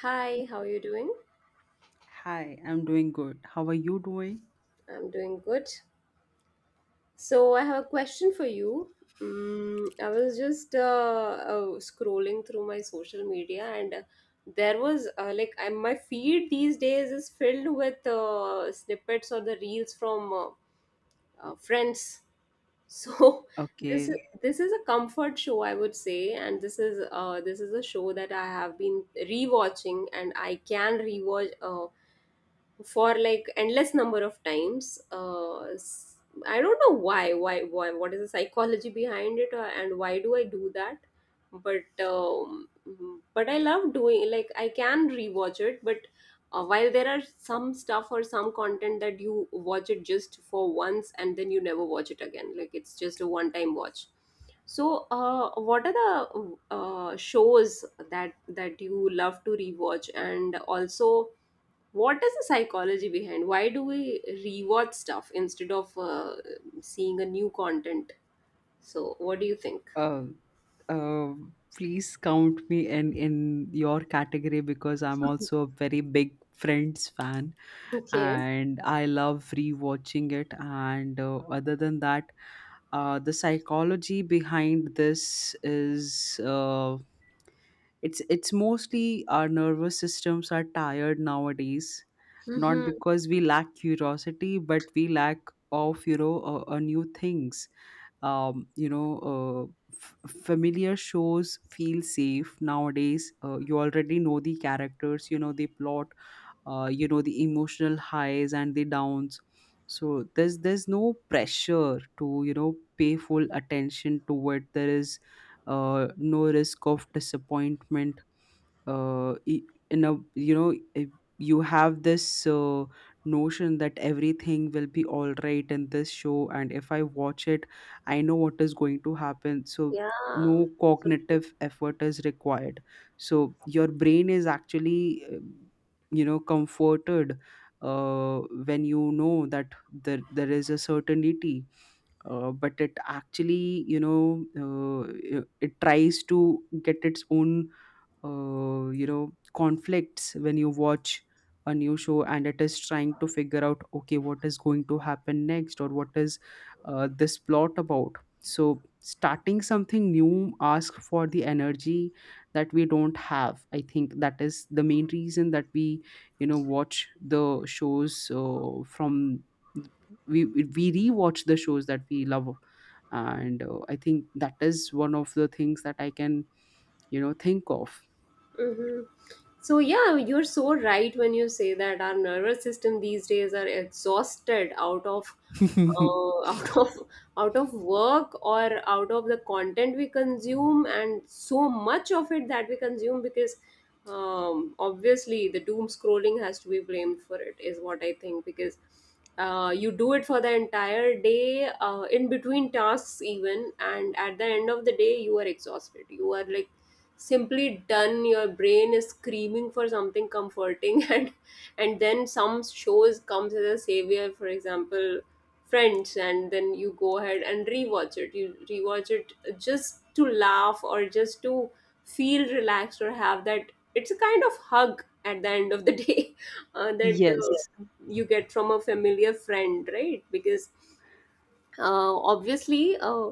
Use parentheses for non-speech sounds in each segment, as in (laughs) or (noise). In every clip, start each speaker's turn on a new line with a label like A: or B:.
A: Hi, how are you doing?
B: Hi, I'm doing good. How are you doing?
A: I'm doing good. So, I have a question for you. I was just scrolling through my social media, and there was like my feed these days is filled with snippets or the reels from friends. So (laughs) this is
B: Okay.
A: this is a comfort show, I would say, and this is a show that I have been rewatching, and I can rewatch. For like endless number of times I don't know why, what is the psychology behind it, and why do I do that, but I love doing, like I can rewatch it. But while there are some stuff or some content that you watch it just for once and then you never watch it again, like it's just a one time watch. So, what are the shows that you love to rewatch, and also what is the psychology behind? Why do we rewatch stuff instead of seeing a new content? So, what do you think?
B: Uh, uh, please count me in your category because I'm also a very big Friends fan,
A: Okay.
B: and I love rewatching it. And other than that, the psychology behind this is it's mostly our nervous systems are tired nowadays, not because we lack curiosity but we lack of new things. um you know uh, Familiar shows feel safe nowadays. You already know the characters, you know the plot, you know the emotional highs and the downs. So there's no pressure to, you know, pay full attention to it. There is no risk of disappointment. uh, e- in a, you know, if you have this notion that everything will be all right in this show, and if I watch it, I know what is going to happen, so
A: Yeah.
B: no
A: So true.
B: cognitive effort is required. So your brain is actually, you know, comforted uh, when you know that there is a certainty. But it actually, you know, it tries to get its own you know conflicts when you watch a new show, and it is trying to figure out, okay, what is going to happen next, or what is this plot about. So starting something new ask for the energy that we don't have. I think that is the main reason that we, you know, watch the shows from we we rewatch the shows that we love. And I think that is one of the things that I can, you know, think of.
A: Mm-hmm. So yeah, you're so right when you say that our nervous system these days are exhausted out of
B: (laughs)
A: uh, (laughs) out of out of work, or out of the content we consume, and so much of it that we consume because obviously the doom scrolling has to be blamed for it, is what I think, because you do it for the entire day in between tasks even, and at the end of the day you are exhausted, you are like simply done, your brain is screaming for something comforting (laughs) and then some shows comes as a savior, for example friends, and then you go ahead and rewatch it, you rewatch it just to laugh or just to feel relaxed, or have that, it's a kind of hug at the end of the day (laughs) that
B: Yes.
A: you get from a familiar friend, right? Because obviously uh,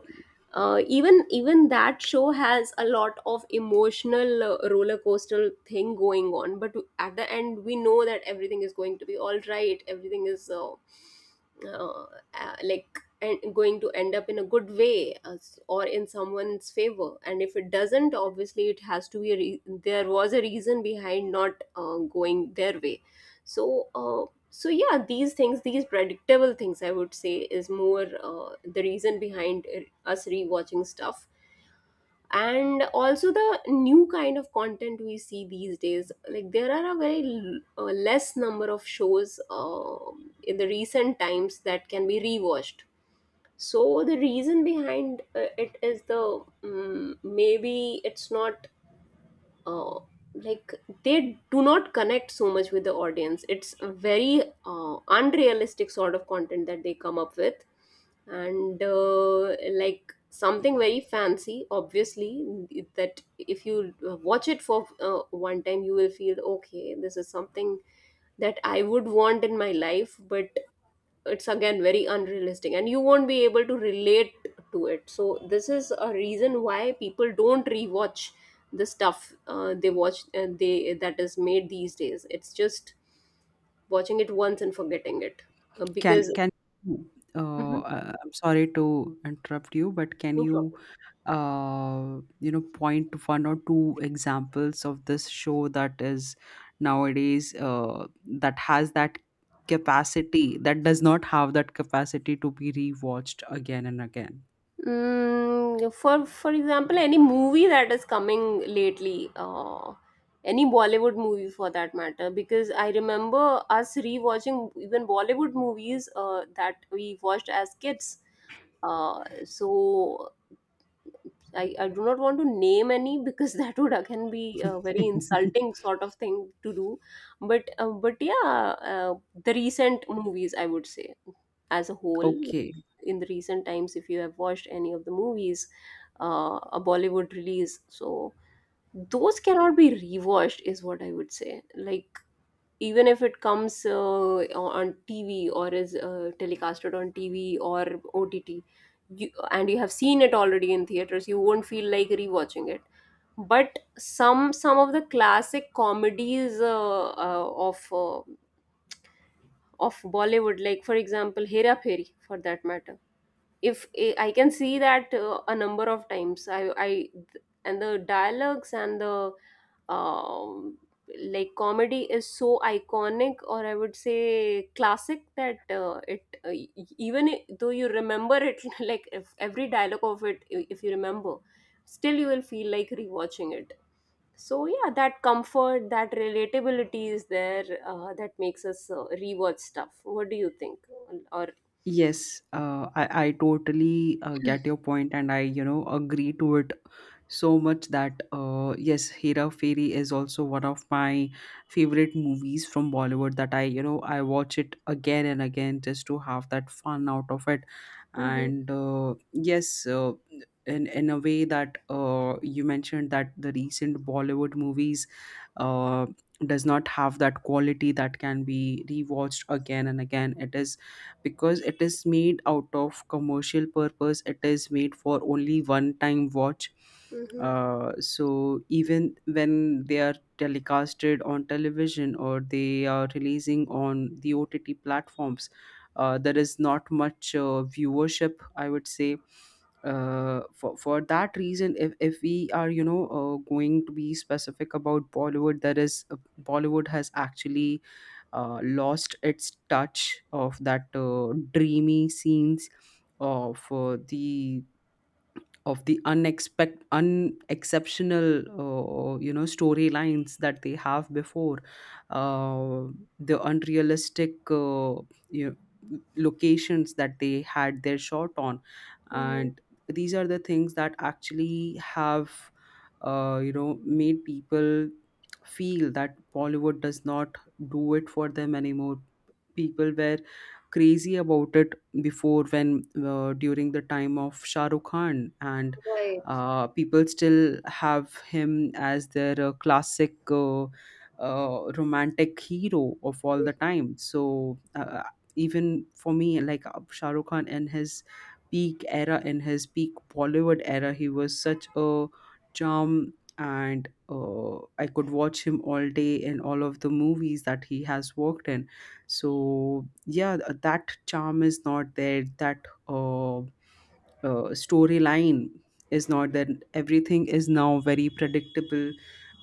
A: uh, even that show has a lot of emotional roller coaster thing going on, but at the end we know that everything is going to be all right, everything is uh, like and going to end up in a good way, or in someone's favor. And if it doesn't, obviously it has to be a there was a reason behind not going their way. So yeah, these things, these predictable things I would say is more the reason behind us rewatching stuff. And also the new kind of content we see these days, like there are a very less number of shows in the recent times that can be rewatched. So the reason behind it is the maybe it's not uh, like they do not connect so much with the audience. It's a very unrealistic sort of content that they come up with. And like something very fancy, obviously, that if you watch it for one time you will feel, okay, this is something that I would want in my life, but it's again very unrealistic and you won't be able to relate to it. So this is a reason why people don't rewatch the stuff they watch, they, that is made these days, it's just watching it once and forgetting it.
B: Can
A: Because
B: can you,
A: Mhm.
B: I'm sorry to interrupt you, but can
A: No
B: you,
A: problem.
B: you know, point to one or two examples of this show that is nowadays that has that capacity, that does not have that capacity to be rewatched again and again?
A: For example, any movie that is coming lately, any Bollywood movie for that matter, because I remember us rewatching even Bollywood movies that we watched as kids. So I do not want to name any because (laughs) that would again be a very insulting
B: (laughs)
A: sort of thing to do. But yeah, the recent movies I would say as a whole,
B: Okay.
A: like in the recent times, if you have watched any of the movies, a Bollywood release, so those cannot be rewatched is what I would say. Like even if it comes on TV or is telecasted on TV or OTT, and you have seen it already in theaters, you won't feel like rewatching it. But some of the classic comedies of Bollywood, like for example Hera Pheri, for that matter, if I can see that a number of times, I, and the dialogues and the um, like comedy is so iconic or I would say classic that it even though you remember it (laughs) like, if every dialogue of it, if you remember, still you will feel like rewatching it. So yeah, that comfort, that relatability is there, that makes us rewatch stuff. What do you think? Or
B: Yes, I totally get your point, and I, you know, agree to it so much that yes, Hera fairy is also one of my favorite movies from Bollywood that I, you know, I watch it again and again just to have that fun out of it.
A: Mhm,
B: And yes, in a way that you mentioned that the recent Bollywood movies uh, does not have that quality that can be rewatched again and again, it is because it is made out of commercial purpose, it is made for only one time watch.
A: mhm,
B: So even when they are telecasted on television or they are releasing on the OTT platforms, there is not much viewership, I would say. For that reason, if we are, you know, going to be specific about Bollywood, there is Bollywood has actually lost its touch of that dreamy scenes of the unexpect unexceptional you know storylines that they have before, uh, the unrealistic, you know, locations that they had their shot on,
A: mhm.
B: and these are the things that actually have you know made people feel that Bollywood does not do it for them anymore. People were crazy about it before, when during the time of Shah Rukh Khan, and
A: Right.
B: people still have him as their classic romantic hero of all the time. So even for me, like, Shah Rukh Khan in his peak era, in his peak Bollywood era, he was such a charm. And I could watch him all day in all of the movies that he has worked in. So yeah, that charm is not there, that storyline is not there, everything is now very predictable.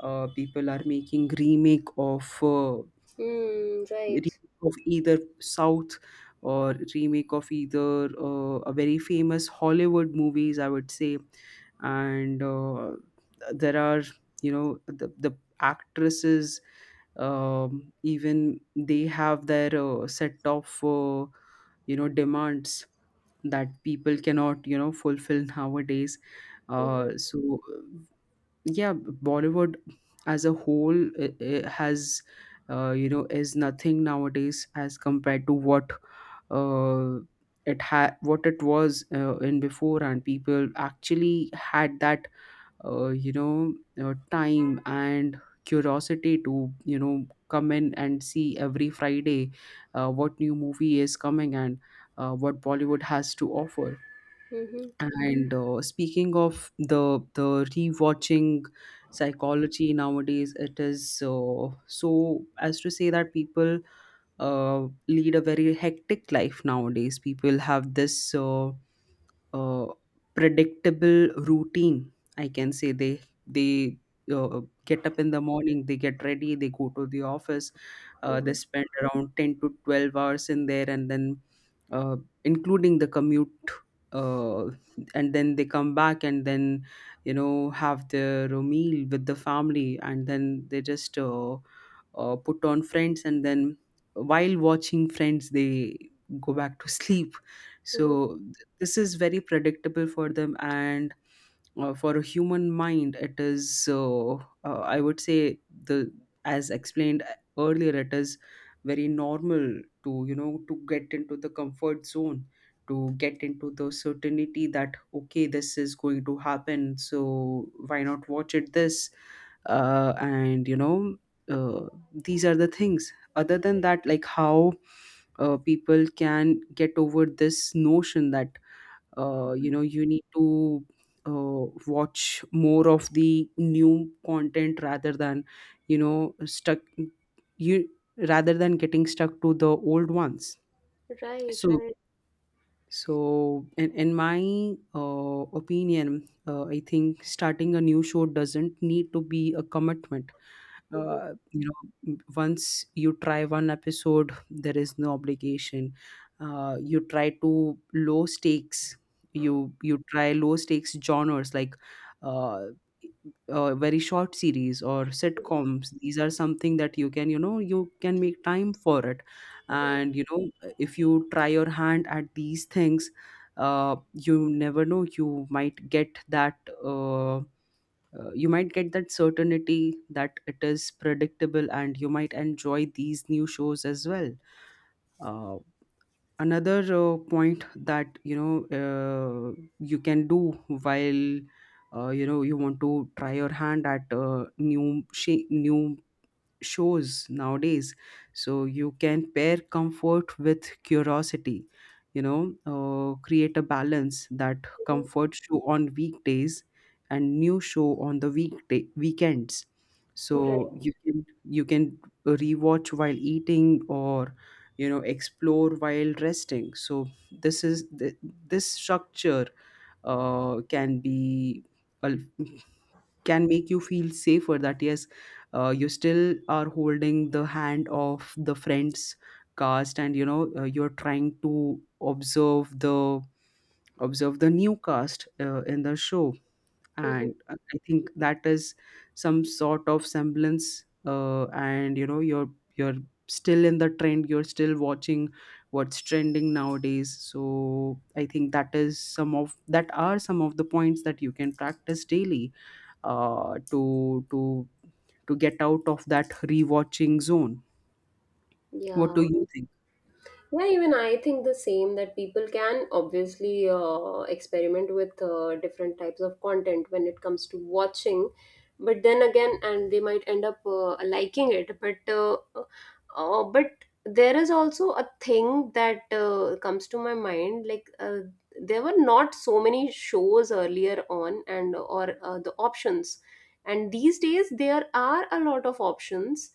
B: People are making remake of,
A: Mm,
B: remake
A: right.
B: either South or remake of either a very famous Hollywood movies, I would say. And there are, you know, the actresses, even they have their set of, you know, demands that people cannot, you know, fulfill nowadays.
A: Mm-hmm.
B: So yeah, Bollywood as a whole, has, you know, is nothing nowadays as compared to what uh, it had, what it was in before, and people actually had that you know time and curiosity to, you know, come in and see every Friday what new movie is coming and what Bollywood has to offer.
A: Mm-hmm.
B: And speaking of the rewatching psychology nowadays, it is so as to say that people lead a very hectic life nowadays. People have this uh, uh, predictable routine. I can say they, they get up in the morning, they get ready, they go to the office, they
A: Mm-hmm.
B: spend around 10 to 12 hours in there, and then uh, including the commute. Uh, and then they come back and then, you know, have their meal with the family, and then they just put on Friends, and then while watching Friends they go back to (laughs) sleep.
A: Mm-hmm.
B: So this is very predictable for them, and for a human mind it is, I would say, the as explained earlier, it is very normal to, you know, to get into the comfort zone, to get into the certainty that, okay, this is going to happen, so why not watch it this and, you know, uh, these are the things. Other than that, like how people can get over this notion that you know you need to watch more of the new content, rather than you know stuck you rather than getting stuck to the old ones.
A: Right,
B: So
A: right.
B: so, in my opinion, I think starting a new show doesn't need to be a commitment.
A: Mm-hmm.
B: You know, once you try one episode, there is no obligation. You try to low stakes. You try low stakes genres like uh, very short series or sitcoms. These are something that you can, you know, you can make time for it,
A: Right.
B: and, you know, if you try your hand at these things, you never know, you might get that uh, you might get that certainty that it is predictable, and you might enjoy these new shows as well. uh, Another point that, you know, you can do while you know you want to try your hand at new shows nowadays. So you can pair comfort with curiosity, you know, create a balance: that
A: Mm-hmm.
B: comfort show on weekdays and new show on the weekday weekends. So you
A: Right.
B: can you can rewatch while eating, or, you know, explore while resting. So this is this structure can be, al- can make you feel safer that yes, you still are holding the hand of the Friends' cast, and, you know, you're trying to observe the new cast in the show.
A: Mm-hmm.
B: And I think that is some sort of semblance, and, you know, you're still in the trend, you're still watching what's trending nowadays. So I think that is some of the points that you can practice daily, uh, to to to get out of that rewatching zone. What do
A: Yeah.
B: you think?
A: Yeah, even I think the same, that people can obviously experiment with different types of content when it comes to watching, but then again, and they might end up liking it. But there is also a thing that comes to my mind, like there were not so many shows earlier on, and or the options, and these days there are a lot of options,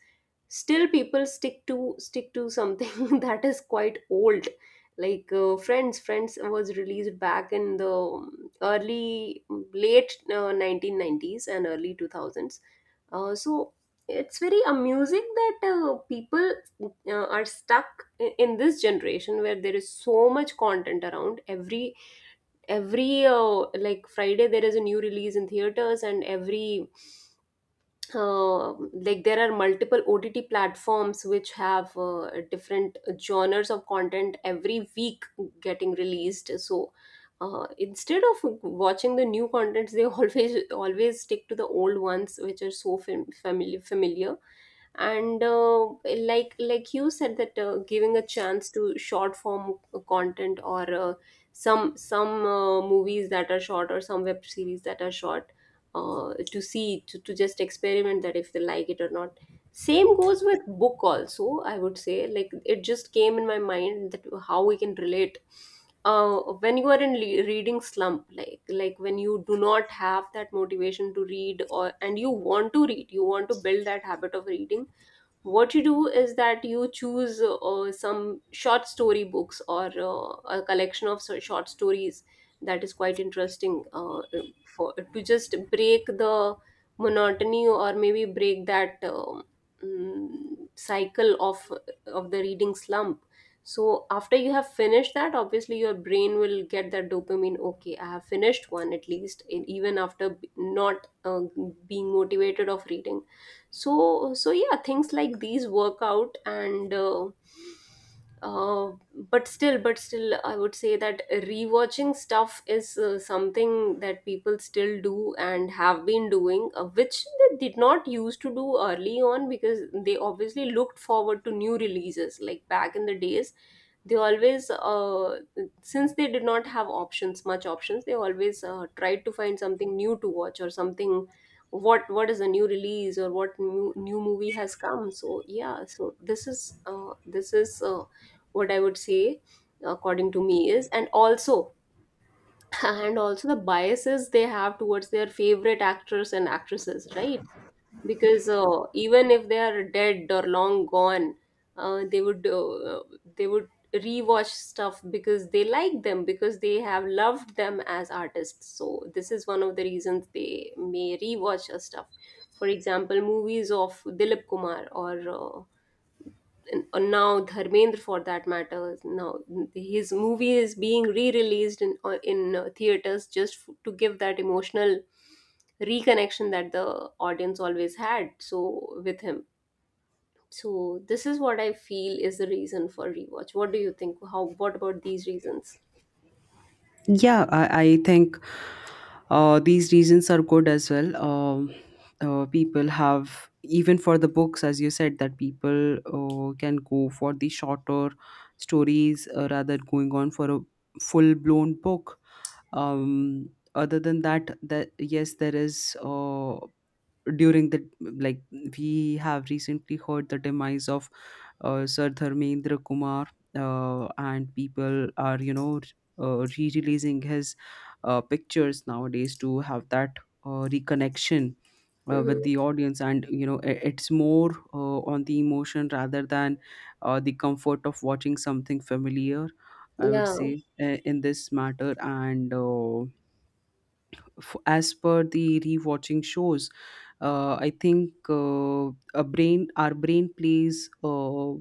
A: still people stick to something (laughs) that is quite old, like friends was released back in the early late 1990s and early 2000s. So it's very amusing that people are stuck in this generation where there is so much content around, every like friday there is a new release in theaters, and every like there are multiple OTT platforms which have different genres of content every week getting released. So instead of watching the new contents, they (laughs) always stick to the old ones, which are so familiar. And like you said that giving a chance to short form content, or some movies that are short, or some web series that are short, to see to just experiment that if they like it or not. Same goes with book also, I would say, like it just came in my mind that how we can relate uh, when you are in reading slump, like when you do not have that motivation to read, or and you want to read, you want to build that habit of reading, what you do is that you choose some short story books, or a collection of short stories that is quite interesting, for to just break the monotony, or maybe break that cycle of the reading slump. So after you have finished that, obviously your brain will get that dopamine, okay I have finished one at least, and even after not being motivated of reading. So yeah, things like these work out. And but still, but still I would say that rewatching stuff is something that people still do and have been doing, which they did not used to do early on, because they obviously looked forward to new releases. Like back in the days, they always since they did not have options, much options, they always tried to find something new to watch, or something, what is a new release, or what new movie has come. So yeah, so this is what I would say according to me is. And also (laughs) and also the biases they have towards their favorite actors and actresses, right? Because even if they are dead or long gone, uh, they would uh, they would rewatch stuff because they like them, because they have loved them as artists. So this is one of the reasons they may rewatch a stuff. For example, movies of Dilip Kumar, or and now Dharmendra, for that matter, now his movie is being re-released in theaters, just to give that emotional reconnection that the audience always had, so with him. So this is what I feel is the reason for rewatch. What do you think? How, what about these reasons?
B: Yeah, I think these reasons are good as well. People have, even for the books, as you said, that people, can go for the shorter stories, rather going on for a full blown book. Um, Other than that, yes, there is during the, we have recently heard the demise of Sir Dharmendra Kumar, and people are, re-releasing his pictures nowadays to have that reconnection
A: Hmm.
B: with the audience. And you know, it's more on the emotion rather than the comfort of watching something familiar, I would
A: Yeah.
B: say, in this matter. And as per the rewatching shows, I think a brain our brain plays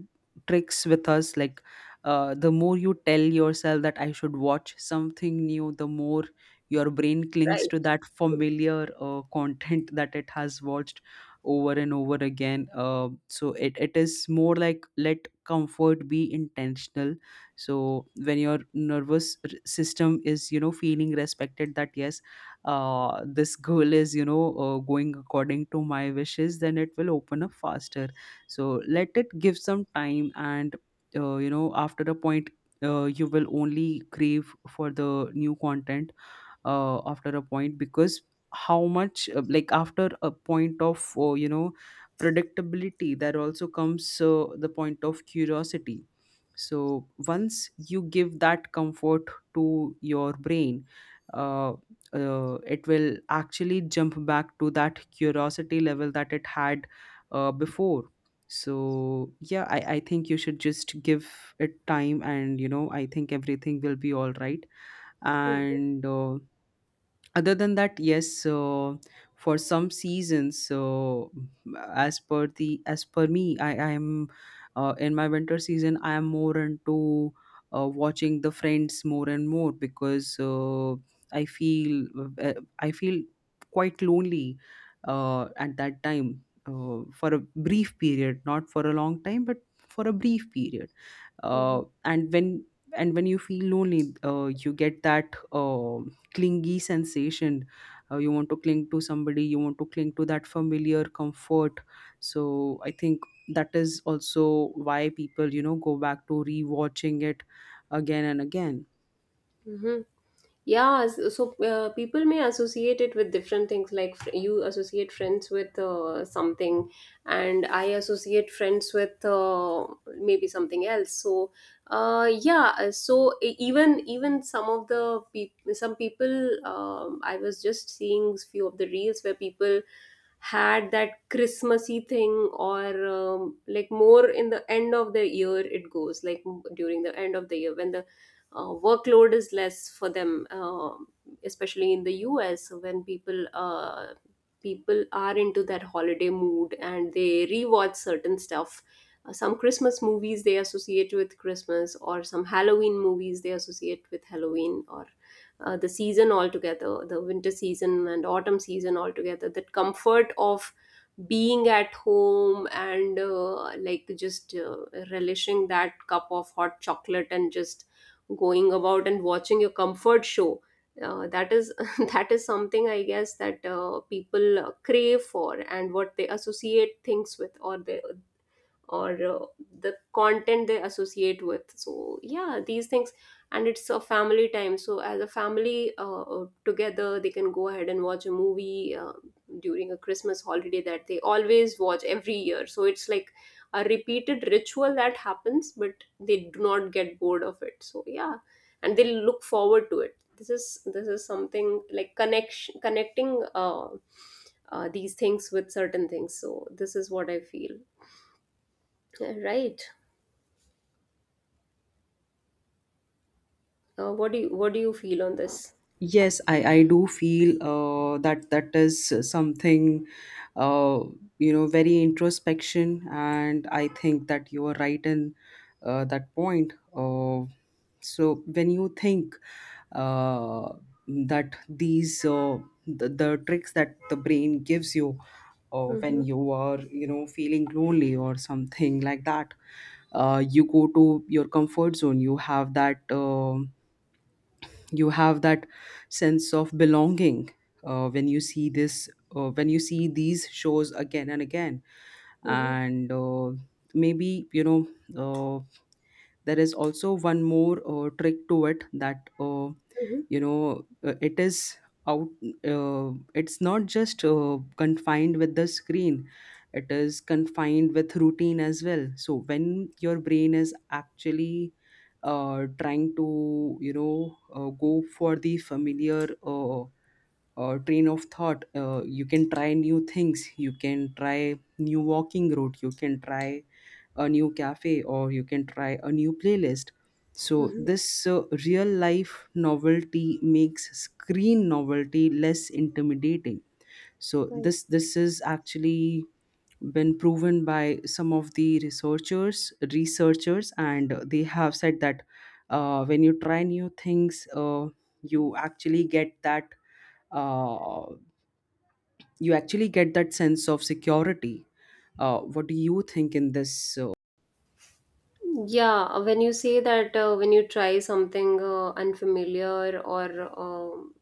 B: tricks with us. Like, the more you tell yourself that I should watch something new, the more your brain clings to
A: Right.
B: that familiar content that it has watched over and over again. Uh, so it is more like, let comfort be intentional. So when your nervous system is, you know, feeling respected, that yes, this goal is, you know, going according to my wishes, then it will open up faster. So let it give some time. And you know, after a point, you will only crave for the new content after a point. Because how much, like, after a point of, you know, predictability, there also comes the point of curiosity. So once you give that comfort to your brain, uh, it will actually jump back to that curiosity level that it had before. So yeah, I think you should just give it time, and you know, I think everything will be all right. And other than that, yes, for some seasons. So as per me, I am in my winter season. I am more into watching the Friends more and more, because I feel, uh, I feel quite lonely at that time, for a brief period, not for a long time, but for a brief period. And when, and when you feel lonely, you get that clingy sensation. You want to cling to somebody, you want to cling to that familiar comfort. So I think that is also why people, you know, go back to rewatching it again and again.
A: Hmm. Yeah, so people may associate it with different things. Like you associate friends with something, and I associate friends with maybe something else. So, yeah. So even some of the people, some people, I was just seeing few of the reels where people had that Christmassy thing, or like more in the end of the year it goes, like during the end of the year when the workload is less for them, especially in the US when people people are into that holiday mood and they rewatch certain stuff. Some Christmas movies they associate with Christmas, or some Halloween movies they associate with Halloween, or the season altogether, the winter season and autumn season altogether. That comfort of being at home and like just relishing that cup of hot chocolate and just going about and watching your comfort show that is (laughs) that is something I guess that people crave for and what they associate things with or they, or the content they associate with. So yeah, these things, and it's a family time, so as a family together they can go ahead and watch a movie during a Christmas holiday that they always watch every year. So it's like a repeated ritual that happens, but they do not get bored of it, so yeah, and they look forward to it. This is something like connection connecting these things with certain things. So this is what I feel. Right. What do you feel on this?
B: Yes, I do feel that that is something, uh, you know, very introspection. And I think that you are right in that point. So when you think uh, that these, the tricks that the brain gives you when
A: Mm-hmm.
B: you are, you know, feeling lonely or something like that, you go to your comfort zone. You have that. You have that sense of belonging when you see this, when you see these shows again and again.
A: Mm-hmm.
B: And maybe, you know, uh, there is also one more trick to it, that
A: Mm-hmm.
B: you know, it is out. It's not just confined with the screen, it is confined with routine as well. So when your brain is actually trying to, you know, go for the familiar train of thought, you can try new things, you can try new walking route, you can try a new cafe, or you can try a new playlist. So
A: Mm-hmm.
B: this real life novelty makes screen novelty less intimidating. So
A: Right.
B: this, is actually been proven by some of the researchers, and they have said that when you try new things, you actually get that uh, you actually get that sense of security. What do you think in this?
A: Yeah, when you say that when you try something unfamiliar um,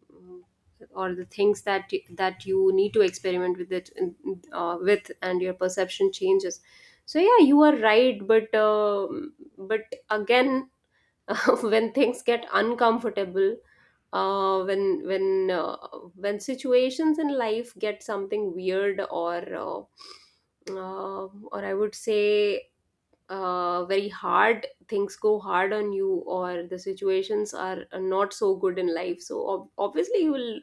A: or the things that that you need to experiment with it with, and your perception changes. So yeah, you are right, but but again, (laughs) when things get uncomfortable, uh, when when uh, when situations in life get something weird or I would say very hard things go hard on you, or the situations are not so good in life. So obviously you will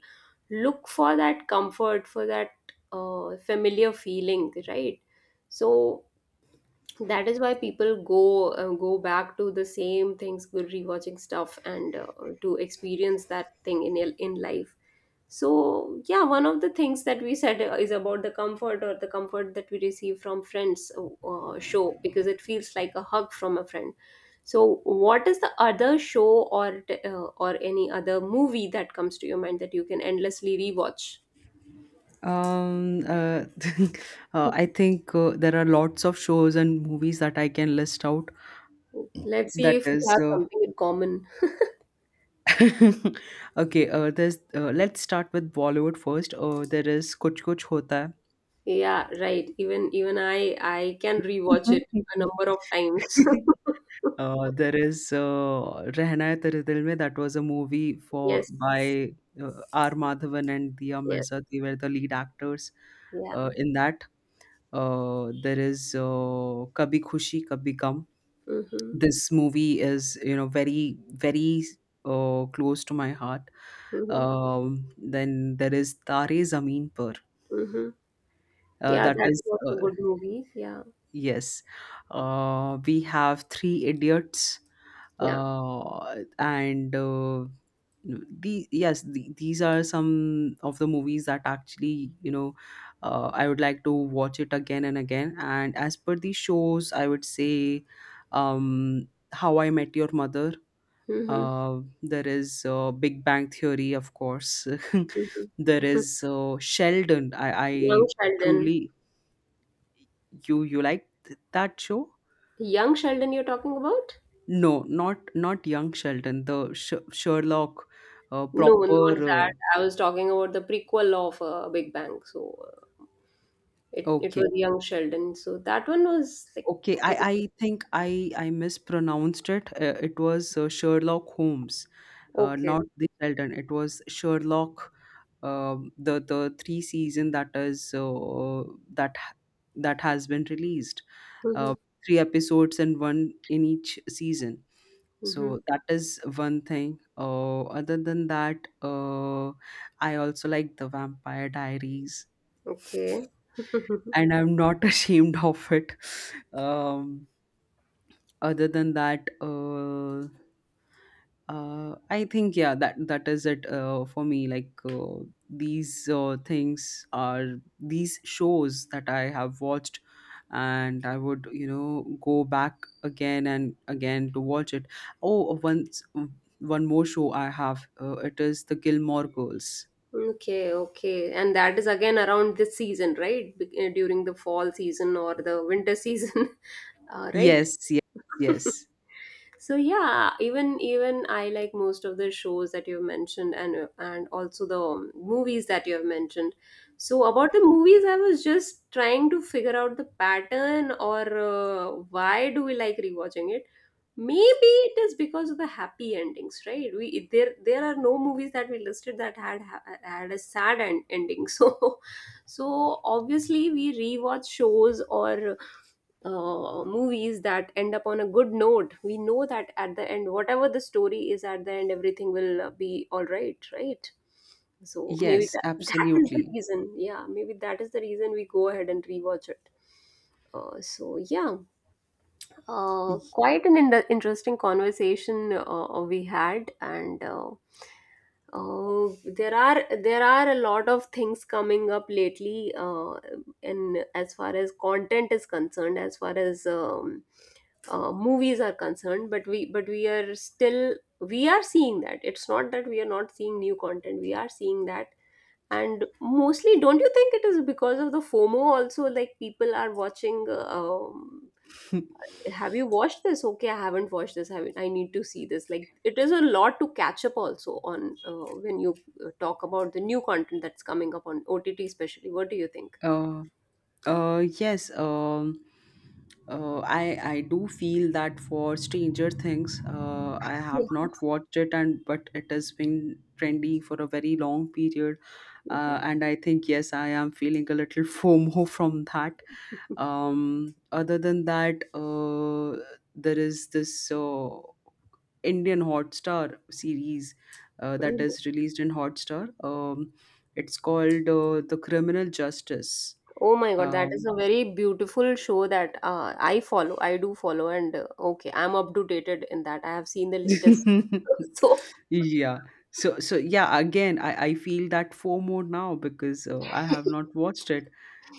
A: look for that comfort, for that familiar feeling, right? So that is why people go back to the same things, good rewatching stuff, and to experience that thing in life. So yeah, one of the things that we said is about the comfort, or the comfort that we receive from friends, show, because it feels like a hug from a friend. So, what is the other show, or or any other movie that comes to your mind that you can endlessly rewatch?
B: Um, uh, (laughs) I think there are lots of shows and movies that I can list out.
A: Let's see
B: That
A: if we
B: is,
A: have something in common.
B: (laughs) okay. There's. Let's start with Bollywood first. There is Kuch Kuch Hota Hai.
A: Yeah, right. Even I can rewatch it a
B: Mhm.
A: number of times.
B: (laughs)
A: (laughs)
B: There is Rehna Hai Tere Dil Mein. That was a movie for
A: Yes.
B: by R. Madhavan and Diya
A: Yes.
B: Mirza. They were the lead actors
A: Yeah.
B: in that. There is Kabhi Khushi Kabhi Gum.
A: Mm-hmm.
B: This movie is, you know, very very close to my heart.
A: Mm-hmm.
B: Then there is Tare Zameen Par.
A: Mm-hmm. Yeah,
B: That
A: that
B: is
A: was
B: uh,
A: a good movie. Yeah,
B: yes, we have Three Idiots.
A: yeah.
B: And the these are some of the movies that actually, you know, I would like to watch it again and again. And as per the shows, I would say, How I Met Your Mother.
A: Mm-hmm.
B: There is Big Bang Theory, of course. (laughs) there
A: Mm-hmm.
B: is Sheldon. I
A: (laughs) Young Sheldon.
B: truly. You like that show?
A: Young Sheldon, you're talking about?
B: No, not, not Young Sheldon. The Sherlock,
A: No,
B: proper.
A: not
B: Uh,
A: that. I was talking about the prequel of Big Bang. So it
B: okay.
A: was Young Sheldon. So that one was like
B: Okay,
A: quite
B: I think I mispronounced it. It was Sherlock Holmes,
A: okay.
B: not the Sheldon. It was Sherlock, the three season that is that ha- that has been released.
A: Mm-hmm.
B: Uh, three episodes and one in each season.
A: Mm-hmm.
B: So that is one thing. Other than that, uh, I also like the Vampire Diaries,
A: Okay. (laughs)
B: and I'm not (laughs) ashamed of it. Um, other than that, I think yeah, that is it for me. Like, these things are these shows that I have watched, and I would, you know, go back again and again to watch it. Oh, once one more show I have. It is the Gilmore Girls.
A: Okay, okay. And that is again around this season, right? During the fall season or the winter season, (laughs) right?
B: Yes, yes,
A: (laughs)
B: yes,
A: So yeah, even I like most of the shows that you've mentioned, and also the movies that you've mentioned. So about the movies, I was just trying to figure out the pattern, or why do we like rewatching it? Maybe it is because of the happy endings, right? We there there are no movies that we listed that had had a sad ending. (laughs) So so obviously we rewatch shows or movies that end up on a good note. We know that at the end, whatever the story is, at the end everything will be all right, right? So maybe
B: yes,
A: that is the
B: absolutely.
A: reason. Yeah, maybe that is the reason we go ahead and rewatch it. So yeah, quite an interesting conversation we had. And there are a lot of things coming up lately. In as far as content is concerned, as far as movies are concerned, but we are still we are seeing that. It's not that we are not seeing new content. We are seeing that. And mostly, don't you think it is because of the FOMO also? Like people are watching. Have you watched this okay, I haven't watched this. I need to see this. Like, it is a lot to catch up also on, when you talk about the new content that's coming up on OTT especially. What do you think?
B: (laughs) uh, yes, I do feel that for Stranger Things, I have
A: Yeah.
B: not watched it, and but it has been trendy for a very long period,
A: (laughs)
B: and I think yes, I am feeling a little (laughs) FOMO from that. Other than that, there is this Indian Hotstar series that
A: Mhm.
B: is released in Hotstar. It's called The Criminal Justice.
A: Oh my god, that is
B: Um,
A: a very beautiful show that I follow. I do follow, and okay, I'm up to dated in that. I have seen the latest.
B: (laughs)
A: (laughs) So
B: Yeah. So so yeah, again, I feel that FOMO now, because I have not
A: (laughs)
B: watched it.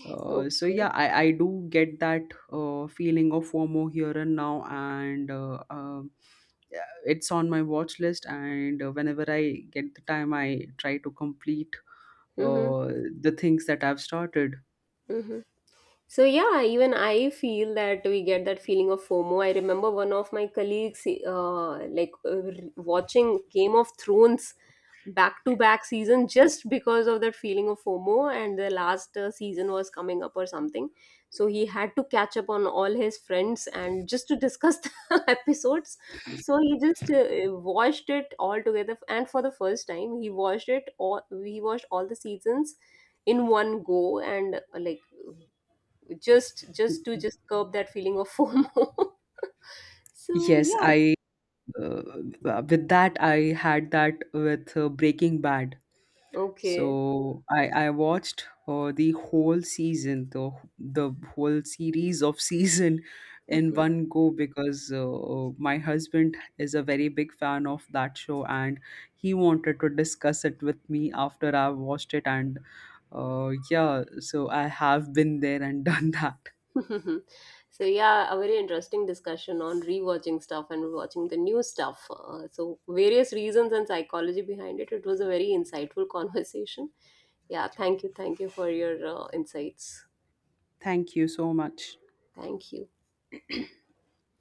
B: So
A: okay.
B: yeah, I do get that feeling of FOMO here and now. And yeah, it's on my watch list. And whenever I get the time, I try to complete
A: Mm-hmm.
B: uh, the things that I've started.
A: Mm-hmm. So yeah, even I feel that we get that feeling of FOMO. I remember one of my colleagues, watching Game of Thrones back to back season, just because of that feeling of FOMO, and the last season was coming up or something. So he had to catch up on all his friends and just to discuss (laughs) the episodes. So he just watched it all together, and for the first time, he watched it all. He watched all the seasons in one go, and like just to just curb that feeling of FOMO. (laughs) So
B: Yes,
A: yeah,
B: I uh, with that I had that with Breaking Bad.
A: okay.
B: So I watched the whole season, the whole series of (laughs) season in
A: (laughs)
B: one go, because my husband is a very big fan of that show, and he wanted to discuss it with me after I watched it. And yeah, so I have been there and (laughs) done that.
A: So yeah, a very interesting discussion on rewatching stuff and watching the new stuff. So various reasons and psychology behind it. It was a very insightful (laughs) conversation. Yeah, thank you for your insights.
B: Thank you so much.
A: Thank you.